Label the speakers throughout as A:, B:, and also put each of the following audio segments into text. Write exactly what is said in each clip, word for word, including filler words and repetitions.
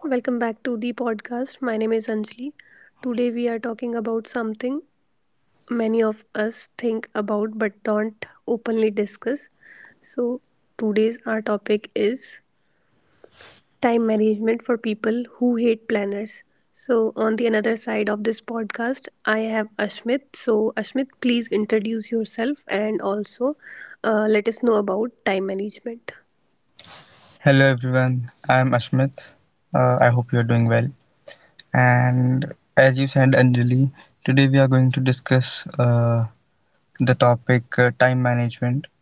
A: Welcome back to the podcast. My name is Anjali. Today we are talking about something many of us think about but don't openly discuss. So, Today's our topic is time management for people who hate planners. So, on the another side of this podcast, I have Ashmit. So, Ashmit, please introduce yourself and also uh, let us know about time management.
B: Hello everyone, I'm Ashmit. Uh, I hope you're doing well. And as you said, Anjali, today we are going to discuss uh, the topic uh, time management.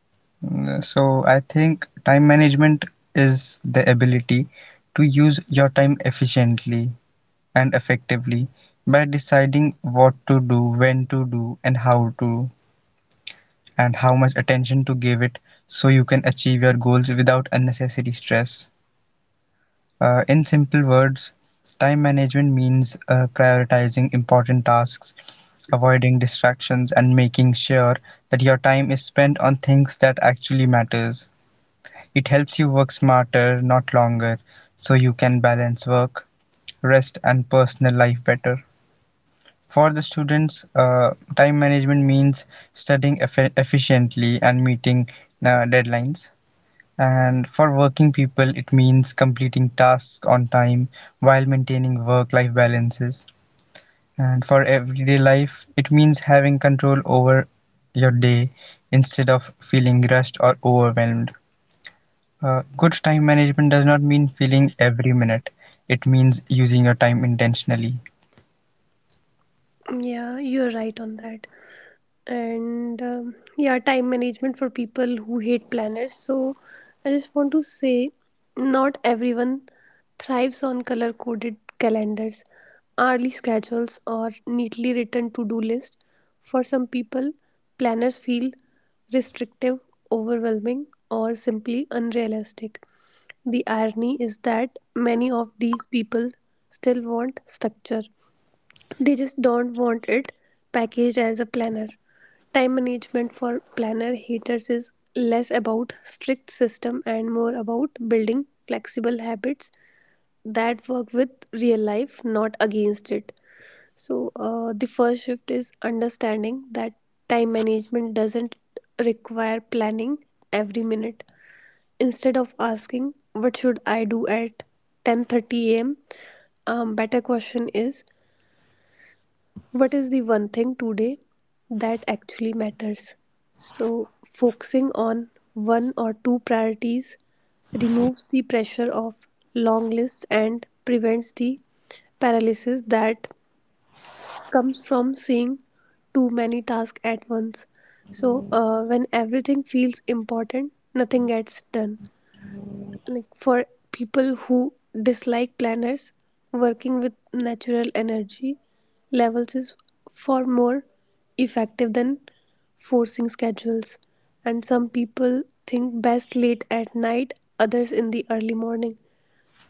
B: Mm, So, I think time management is the ability to use your time efficiently and effectively by deciding what to do, when to do, and how to, and how much attention to give it so you can achieve your goals without unnecessary stress. Uh, in simple words, time management means uh, prioritizing important tasks, avoiding distractions, and making sure that your time is spent on things that actually matters. It helps you work smarter, not longer, so you can balance work, rest, and personal life better. For the students, uh, time management means studying effi- efficiently and meeting uh, deadlines. And for working people, it means completing tasks on time while maintaining work life balances. And for everyday life, it means having control over your day instead of feeling rushed or overwhelmed. Uh, good time management does not mean feeling every minute, it means using your time intentionally.
A: Yeah, you're right on that. And um, yeah, time management for people who hate planners. So I just want to say not everyone thrives on color coded calendars, hourly schedules, or neatly written to do lists. For some people, planners feel restrictive, overwhelming, or simply unrealistic. The irony is that many of these people still want structure, they just don't want it packaged as a planner. Time management for planner haters is less about strict system and more about building flexible habits that work with real life, not against it. So, uh, the first shift is understanding that time management doesn't require planning every minute. Instead of asking, what should I do at ten thirty a m, um, better question is, what is the one thing today that actually matters? So, focusing on one or two priorities removes the pressure of long lists and prevents the paralysis that comes from seeing too many tasks at once. So, uh, when everything feels important, nothing gets done. Like for people who dislike planners, working with natural energy levels is far more effective than forcing schedules. And some people think best late at night, others in the early morning,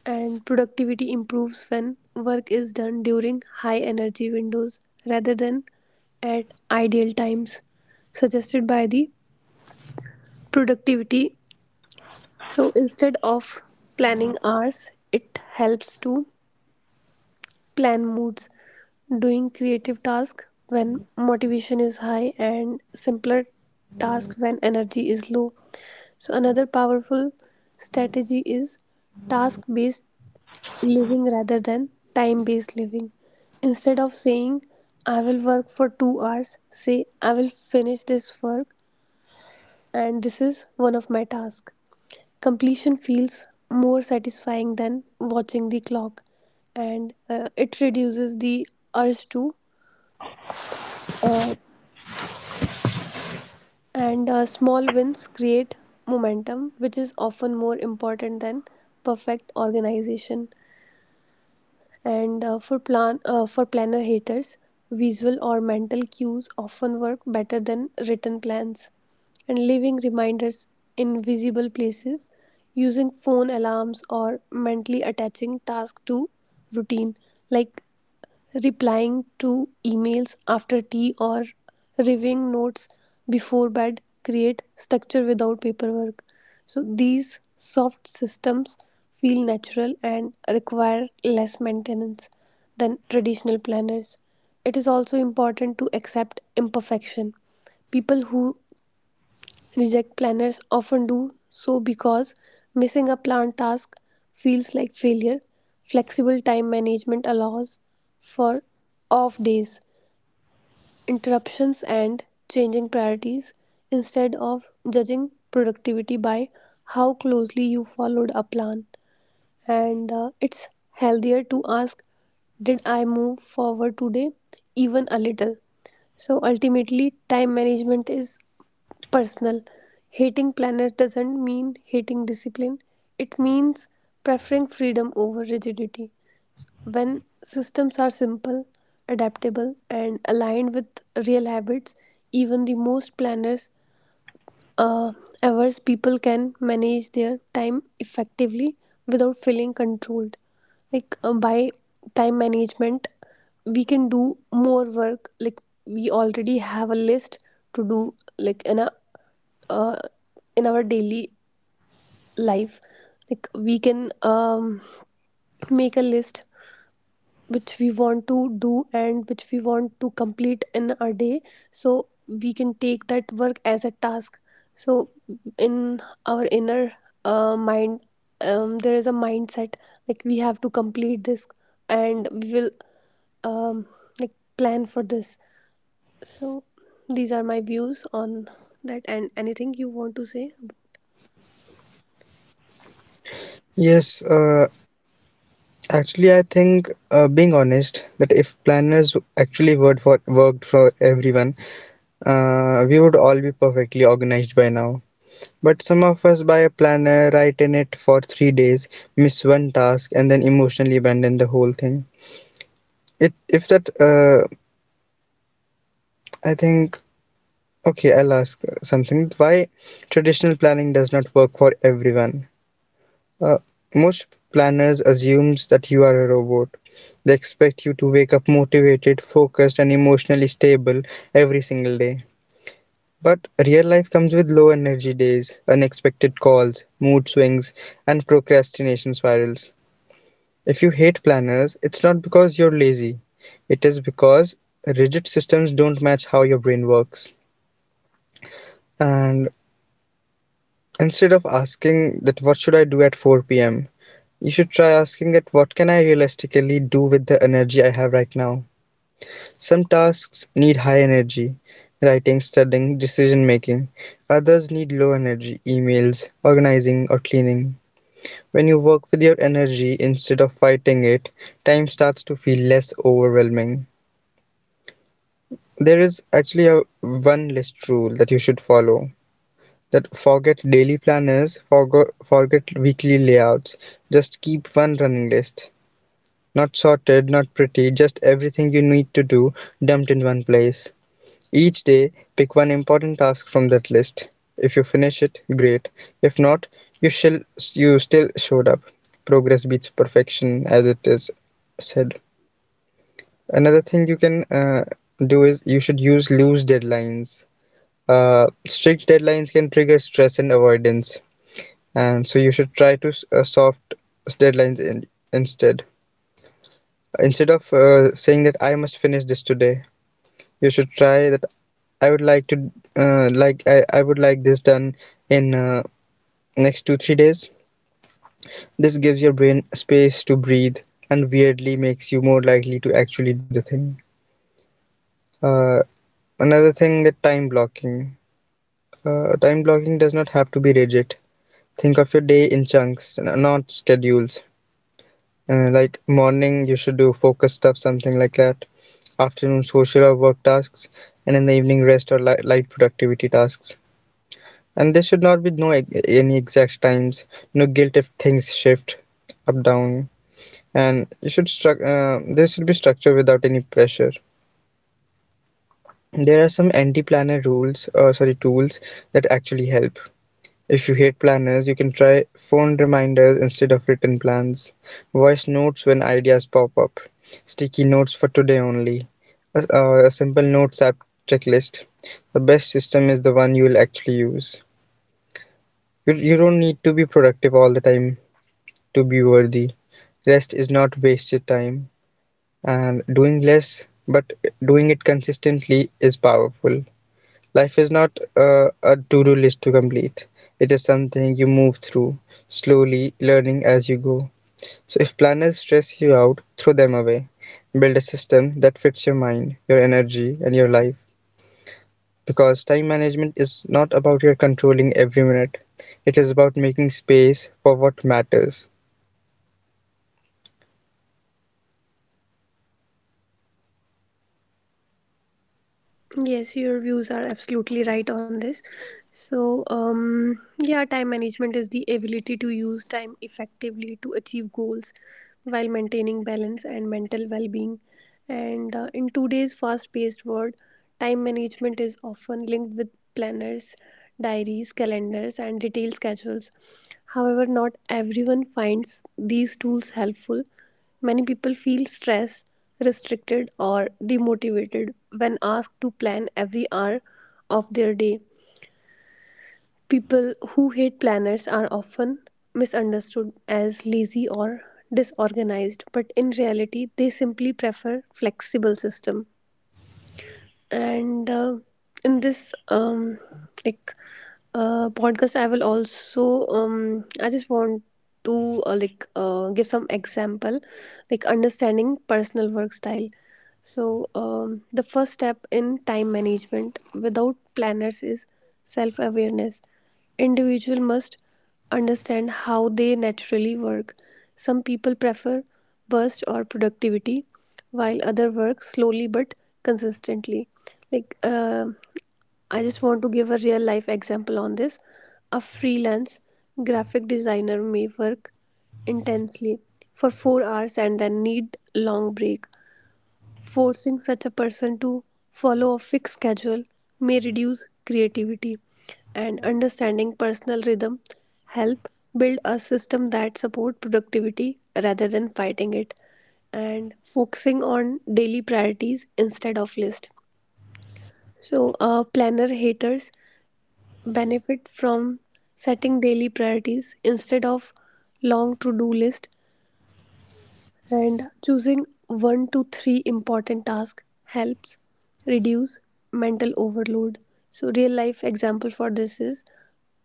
A: and productivity improves when work is done during high energy windows rather than at ideal times suggested by the productivity. So instead of planning hours, it helps to plan moods, doing creative tasks when motivation is high and simpler tasks when energy is low. So another powerful strategy is task based living rather than time based living. Instead of saying I will work for two hours, say I will finish this work and this is one of my tasks. Completion feels more satisfying than watching the clock, and uh, it reduces the urge to. Uh, and uh, small wins create momentum, which is often more important than perfect organization. And uh, for plan uh, for planner haters, visual or mental cues often work better than written plans. And leaving reminders in visible places, using phone alarms or mentally attaching tasks to routine like replying to emails after tea or reviewing notes before bed create structure without paperwork. So these soft systems feel natural and require less maintenance than traditional planners. It is also important to accept imperfection. People who reject planners often do so because missing a planned task feels like failure. Flexible time management allows for off days, interruptions, and changing priorities. Instead of judging productivity by how closely you followed a plan, and uh, it's healthier to ask, did I move forward today, even a little? So ultimately time management is personal. Hating planners doesn't mean hating discipline. It means preferring freedom over rigidity. When systems are simple, adaptable and aligned with real habits, even the most planners uh, hours people can manage their time effectively without feeling controlled. Like uh, by time management we can do more work. Like we already have a list to do, like in a uh, in our daily life, like we can um, make a list which we want to do and which we want to complete in a day. So we can take that work as a task. So in our inner uh, mind, um, there is a mindset like we have to complete this and we will um, like plan for this. So these are my views on that, and anything you want to say about.
B: Yes, uh, actually, I think, uh, being honest, that if planners actually worked for worked for everyone, uh, we would all be perfectly organized by now. But some of us buy a planner, write in it for three days, miss one task, and then emotionally abandon the whole thing. It if that uh, I think okay, I'll ask uh, something. Why traditional planning does not work for everyone? Uh, most planners assumes that you are a robot. They expect you to wake up motivated, focused, and emotionally stable every single day. But real life comes with low energy days, unexpected calls, mood swings, and procrastination spirals. If you hate planners, it's not because you're lazy. It is because rigid systems don't match how your brain works. And instead of asking that what should I do at four p m, you should try asking that what can I realistically do with the energy I have right now. Some tasks need high energy, writing, studying, decision making. Others need low energy, emails, organizing, or cleaning. When you work with your energy instead of fighting it, time starts to feel less overwhelming. There is actually a one list rule that you should follow that forget daily planners, forgo forget weekly layouts. Just keep one running list. Not sorted, not pretty, just everything you need to do dumped in one place. Each day, pick one important task from that list. If you finish it, great. If not, you shall you still showed up. Progress beats perfection, as it is said. Another thing you can uh, do is you should use loose deadlines. Uh, strict deadlines can trigger stress and avoidance, and so you should try to s- uh, soft deadlines in, instead. Instead of uh, saying that I must finish this today, you should try that I would like to uh, like I, I would like this done in uh, next two three days. This gives your brain space to breathe and weirdly makes you more likely to actually do the thing. Uh, another thing that time blocking. Uh, time blocking does not have to be rigid. Think of your day in chunks, n- not schedules. Uh, like morning, you should do focused stuff, something like that. Afternoon, social or work tasks, and in the evening, rest or li- light productivity tasks. And there should not be no e- any exact times. No guilt if things shift up down. And you should struc- uh, there should be structure without any pressure. There are some anti-planner rules, or sorry, tools that actually help. If you hate planners, you can try phone reminders instead of written plans, voice notes when ideas pop up, sticky notes for today only, a, uh, a simple notes app checklist. The best system is the one you will actually use. You, you don't need to be productive all the time to be worthy. Rest is not wasted time, and doing less but doing it consistently is powerful. Life is not uh, a to do list to complete, it is something you move through, slowly learning as you go. So, if planners stress you out, throw them away. Build a system that fits your mind, your energy, and your life. Because time management is not about your controlling every minute, it is about making space for what matters.
A: Yes, your views are absolutely right on this. So, um, yeah, time management is the ability to use time effectively to achieve goals while maintaining balance and mental well being. And uh, in today's fast paced world, time management is often linked with planners, diaries, calendars, and detailed schedules. However, not everyone finds these tools helpful. Many people feel stressed, restricted, or demotivated when asked to plan every hour of their day. People who hate planners are often misunderstood as lazy or disorganized, but in reality, they simply prefer flexible system. And uh, in this um, like uh, podcast I will also, um, I just want to uh, like uh, give some example like understanding personal work style. So um, the first step in time management without planners is self awareness. Individual must understand how they naturally work. Some people prefer burst or productivity, while other work slowly but consistently. Like uh, I just want to give a real life example on this. A freelance graphic designer may work intensely for four hours and then need long break. Forcing such a person to follow a fixed schedule may reduce creativity, and understanding personal rhythm help build a system that support productivity rather than fighting it. And focusing on daily priorities instead of list. So uh, planner haters benefit from setting daily priorities instead of long to do list, and choosing one to three important tasks helps reduce mental overload. So, real life example for this is,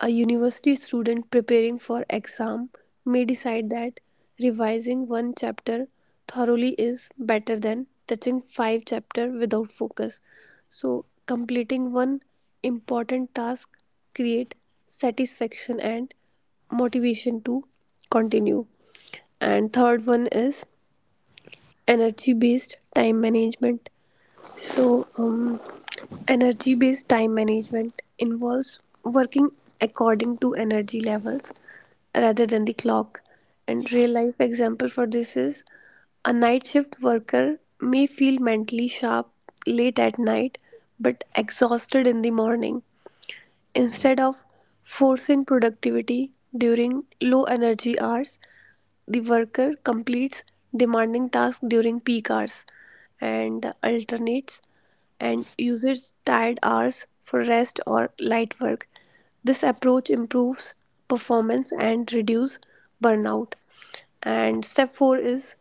A: a university student preparing for exam may decide that revising one chapter thoroughly is better than touching five chapter without focus. So, completing one important task create satisfaction and motivation to continue. And third one is energy based time management. So um, energy based time management involves working according to energy levels rather than the clock. And real life example for this is, a night shift worker may feel mentally sharp late at night but exhausted in the morning. Instead of forcing productivity during low energy hours, the worker completes demanding tasks during peak hours and alternates and uses tired hours for rest or light work. This approach improves performance and reduce burnout. And step four is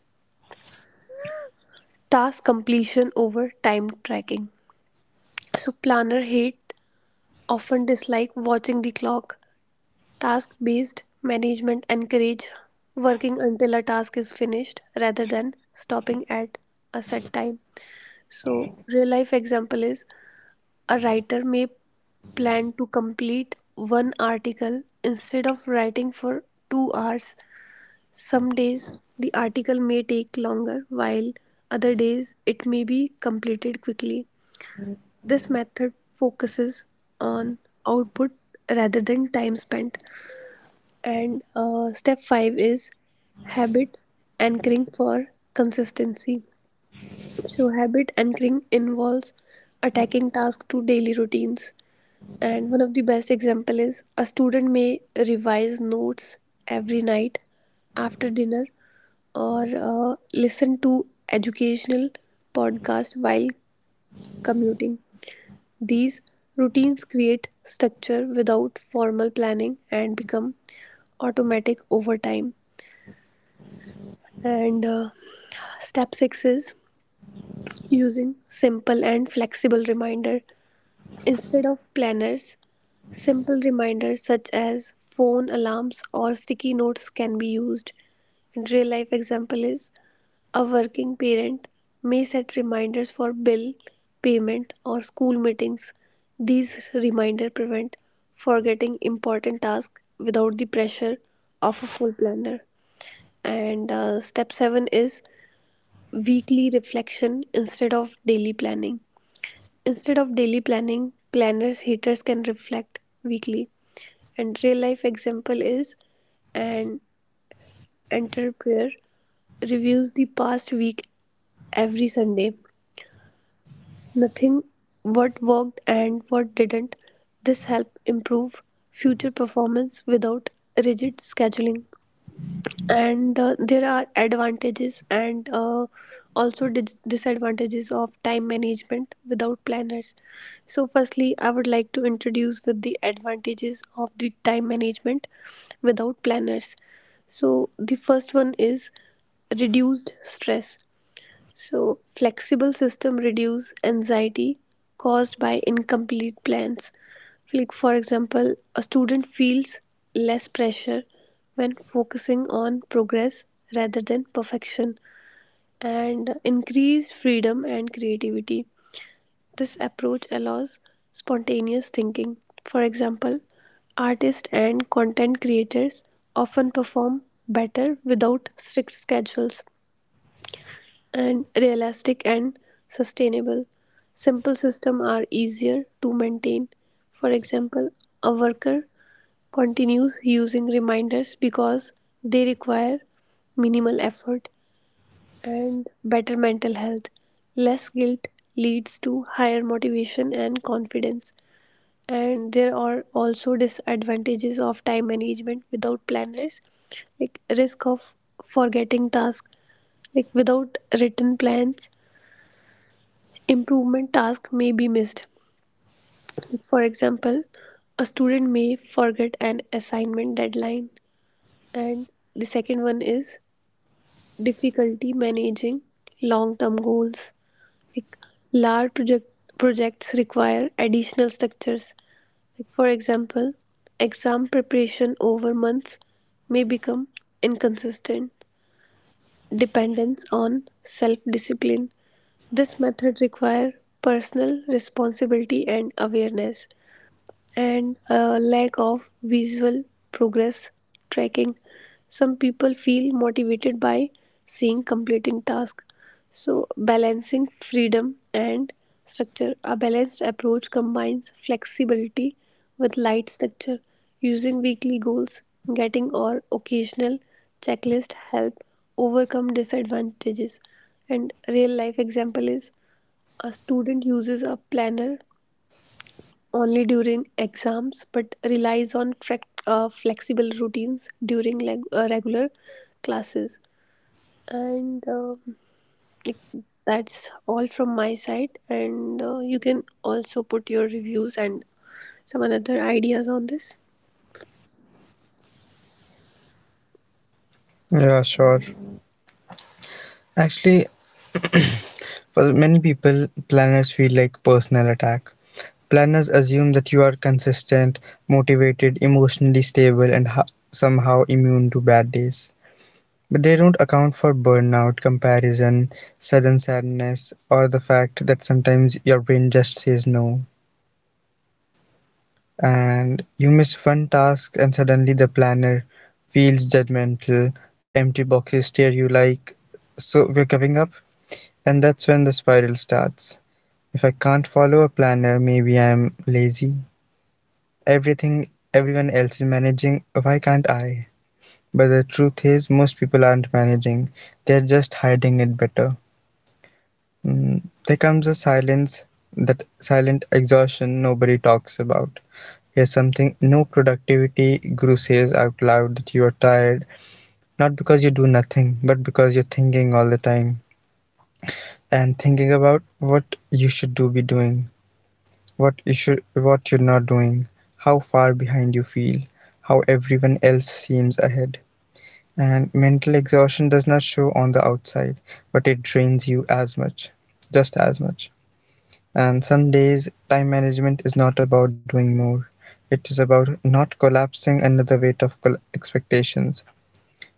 A: task completion over time tracking. So planner hate often dislike watching the clock. Task based management encourages working until a task is finished rather than stopping at a set time. So, real life example is, a writer may plan to complete one article instead of writing for two hours. Some days the article may take longer while other days it may be completed quickly. This method focuses on output rather than time spent. And uh, step five is habit anchoring for consistency. So, habit anchoring involves attaching tasks to daily routines. And one of the best example is, a student may revise notes every night after dinner, or uh, listen to educational podcast while commuting. These routines create structure without formal planning and become automatic over time. And uh, step six is using simple and flexible reminder. Instead of planners, simple reminders such as phone alarms or sticky notes can be used. And real life example is, a working parent may set reminders for bill payment or school meetings. These reminders prevent forgetting important tasks without the pressure of a full planner. And uh, step seven is weekly reflection instead of daily planning. Instead of daily planning, planners haters can reflect weekly. And real life example is, an entrepreneur reviews the past week every Sunday. Nothing what worked and what didn't. This help improve future performance without rigid scheduling. And uh, there are advantages and uh, also dis- disadvantages of time management without planners. So firstly I would like to introduce with the advantages of the time management without planners. So the first one is reduced stress. So, flexible system reduce anxiety caused by incomplete plans. Like for example, a student feels less pressure when focusing on progress rather than perfection. And increased freedom and creativity. This approach allows spontaneous thinking. For example, artists and content creators often perform better without strict schedules. And realistic and sustainable. Simple systems are easier to maintain. For example, a worker continues using reminders because they require minimal effort. And better mental health. Less guilt leads to higher motivation and confidence. And there are also disadvantages of time management without planners, like risk of forgetting tasks, like without written plans, improvement tasks may be missed. For example, a student may forget an assignment deadline. And the second one is difficulty managing long term goals. Like large project, projects require additional structures. Like for example, exam preparation over months may become inconsistent. Dependence on self discipline. This method require personal responsibility and awareness. And a lack of visual progress tracking. Some people feel motivated by seeing completing tasks. So, balancing freedom and structure. A balanced approach combines flexibility with light structure. Using weekly goals, getting or occasional checklist help overcome disadvantages. And real life example is, a student uses a planner only during exams but relies on frec- uh, flexible routines during leg- uh, regular classes. And uh, like, that's all from my side, and uh, you can also put your reviews and some other ideas on this.
B: Yeah, sure. Actually, for many people, planners feel like personal attack. Planners assume that you are consistent, motivated, emotionally stable, and ha- somehow immune to bad days. But they don't account for burnout, comparison, sudden sadness, or the fact that sometimes your brain just says no. And you miss one task, and suddenly the planner feels judgmental. The empty boxes stare you like, so we're giving up? And that's when the spiral starts. If I can't follow a planner maybe I'm lazy. Everything Everyone else is managing, why can't I? But the truth is, most people aren't managing, they're just hiding it better. Mm, there comes a silence, that silent exhaustion nobody talks about. Here's something no productivity guru says out loud that you are tired, not because you do nothing, but because you're thinking all the time and thinking about what you should do be doing. what you should what you're not doing, how far behind you feel, how everyone else seems ahead. And mental exhaustion does not show on the outside, but it drains you as much just as much. And some days time management is not about doing more, it is about not collapsing under the weight of col- expectations.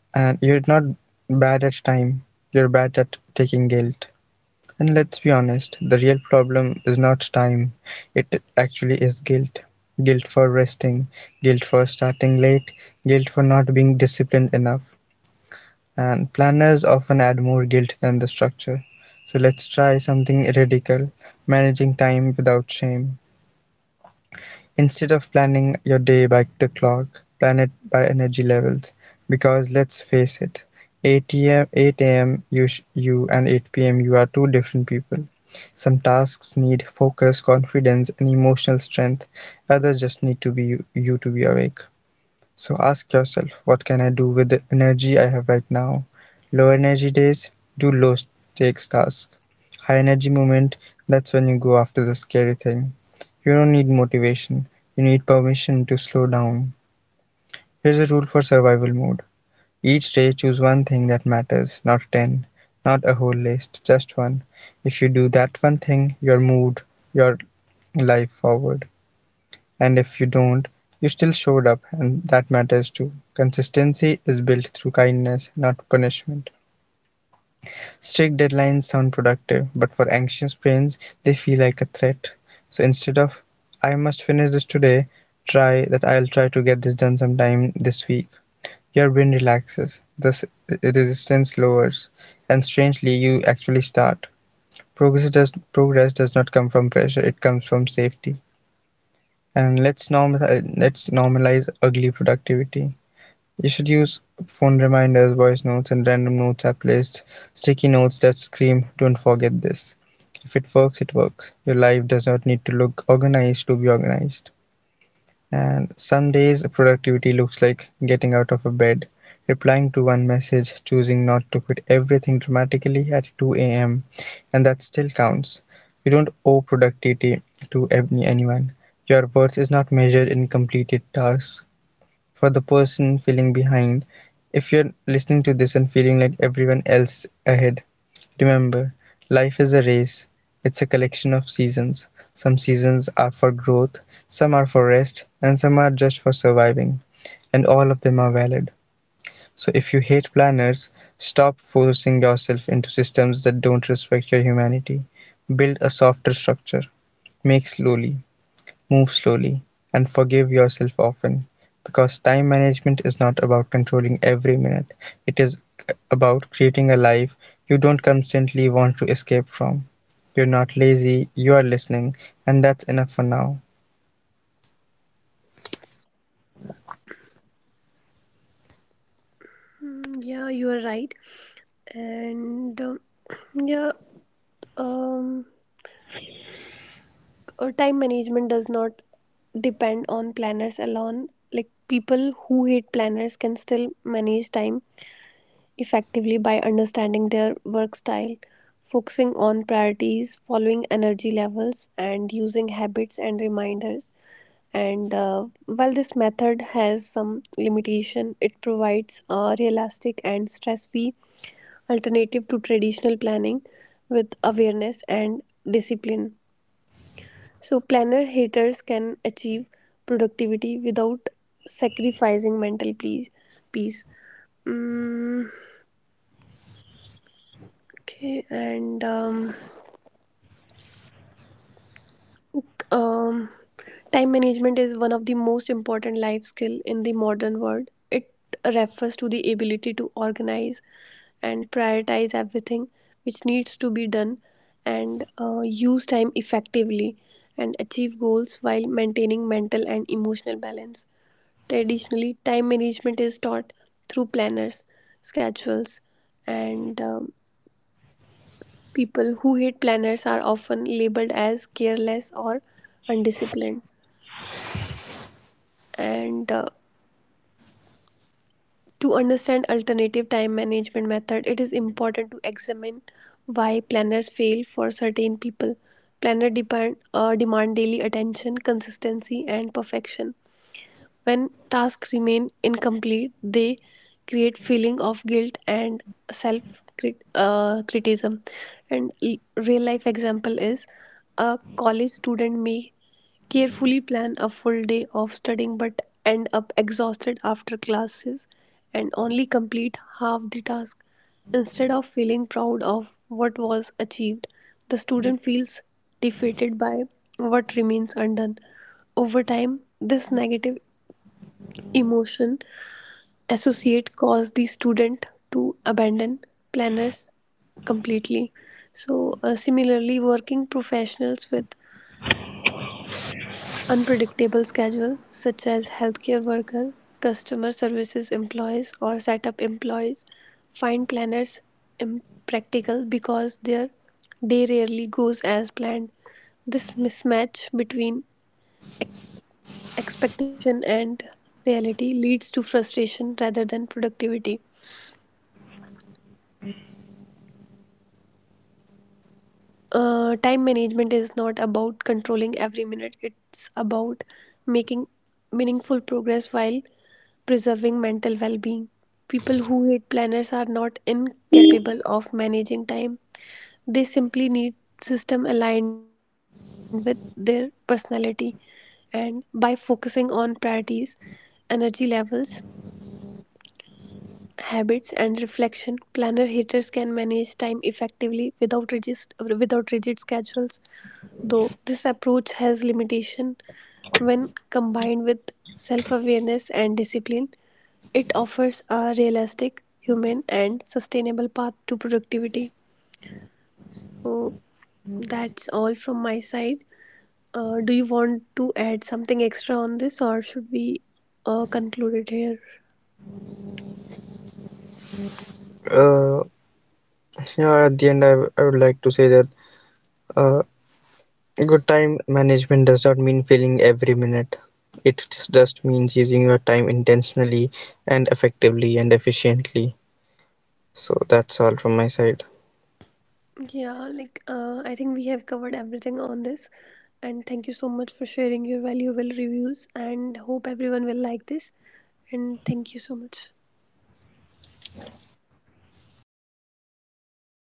B: And you're not bad at time, you're bad at taking guilt. And let's be honest, the real problem is not time, it actually is guilt. Guilt for resting, guilt for starting late, guilt for not being disciplined enough. And planners often add more guilt than the structure. So let's try something radical, managing time without shame. Instead of planning your day by the clock, plan it by energy levels. Because let's face it, eight a m. You, you and eight p m you are two different people. Some tasks need focus, confidence, and emotional strength. Others just need to be you, you to be awake. So ask yourself, what can I do with the energy I have right now? Low energy days, do low stakes tasks. High energy moment, that's when you go after the scary thing. You don't need motivation, you need permission to slow down. Here's a rule for survival mode. Each day choose one thing that matters, not ten, not a whole list, just one. If you do that one thing, you're moved your life forward. And if you don't, you still showed up and that matters too. Consistency is built through kindness, not punishment. Strict deadlines sound productive, but for anxious brains, they feel like a threat. So instead of I must finish this today, try that I'll try to get this done sometime this week. Your brain relaxes, the resistance lowers, and strangely you actually start. Progress does progress does not come from pressure, it comes from safety. and let's normal let's normalize ugly productivity. You should use phone reminders, voice notes, and random notes app lists, sticky notes that scream don't forget this. If it works, it works. Your life does not need to look organized to be organized. And some days productivity looks like getting out of bed, replying to one message, choosing not to quit everything dramatically at two a.m, and that still counts. You don't owe productivity to ev- anyone. Your worth is not measured in completed tasks. For the person feeling behind, if you're listening to this and feeling like everyone else ahead, remember, life is a race, it's a collection of seasons. Some seasons are for growth, some are for rest, and some are just for surviving. And all of them are valid. So if you hate planners, stop forcing yourself into systems that don't respect your humanity. Build a softer structure. Make slowly. Move slowly, and forgive yourself often, because time management is not about controlling every minute. It is about creating a life you don't constantly want to escape from. You're not lazy, you are listening, and that's enough for now.
A: Mm, yeah, you are right. And um, yeah um uh, time management does not depend on planners alone. Like people who hate planners can still manage time effectively by understanding their work style, focusing on priorities, following energy levels, and using habits and reminders. And uh, while this method has some limitation, it provides a realistic and stress-free alternative to traditional planning with awareness and discipline. So, planner haters can achieve productivity without sacrificing mental peace. peace. Mm, Okay, and um, um, time management is one of the most important life skill in the modern world. It refers to the ability to organize and prioritize everything which needs to be done, and uh, use time effectively and achieve goals while maintaining mental and emotional balance. Traditionally, time management is taught through planners, schedules, and um, people who hate planners are often labeled as careless or undisciplined. And uh, to understand alternative time management method, it is important to examine why planners fail for certain people. Planner depend, uh, demand daily attention, consistency, and perfection. When tasks remain incomplete, they create feeling of guilt and self crit- uh, criticism. And l- real life example is, a college student may carefully plan a full day of studying but end up exhausted after classes and only complete half the task. Instead of feeling proud of what was achieved, the student feels defeated by what remains undone. Over time, this negative emotion associate cause the student to abandon planners completely. So uh, similarly working professionals with unpredictable schedule such as healthcare worker, customer services employees or setup employees find planners impractical because their day rarely goes as planned. This mismatch between expectation and reality leads to frustration rather than productivity. Uh, time management is not about controlling every minute. It's about making meaningful progress while preserving mental well-being. People who hate planners are not incapable of managing time, they simply need system aligned with their personality. And by focusing on priorities, energy levels, habits and reflection, planner haters can manage time effectively without rigid without rigid schedules. Though this approach has limitation, when combined with self-awareness and discipline, it offers a realistic human and sustainable path to productivity. So that's all from my side. Uh, do you want to add something extra on this or should we uh, conclude it here?
B: Uh, yeah, at the end, I, w- I would like to say that uh, good time management does not mean filling every minute. It just just means using your time intentionally and effectively and efficiently. So that's all from my side.
A: Yeah, like uh, I think we have covered everything on this. And thank you so much for sharing your valuable reviews. And hope everyone will like this. And thank you so much.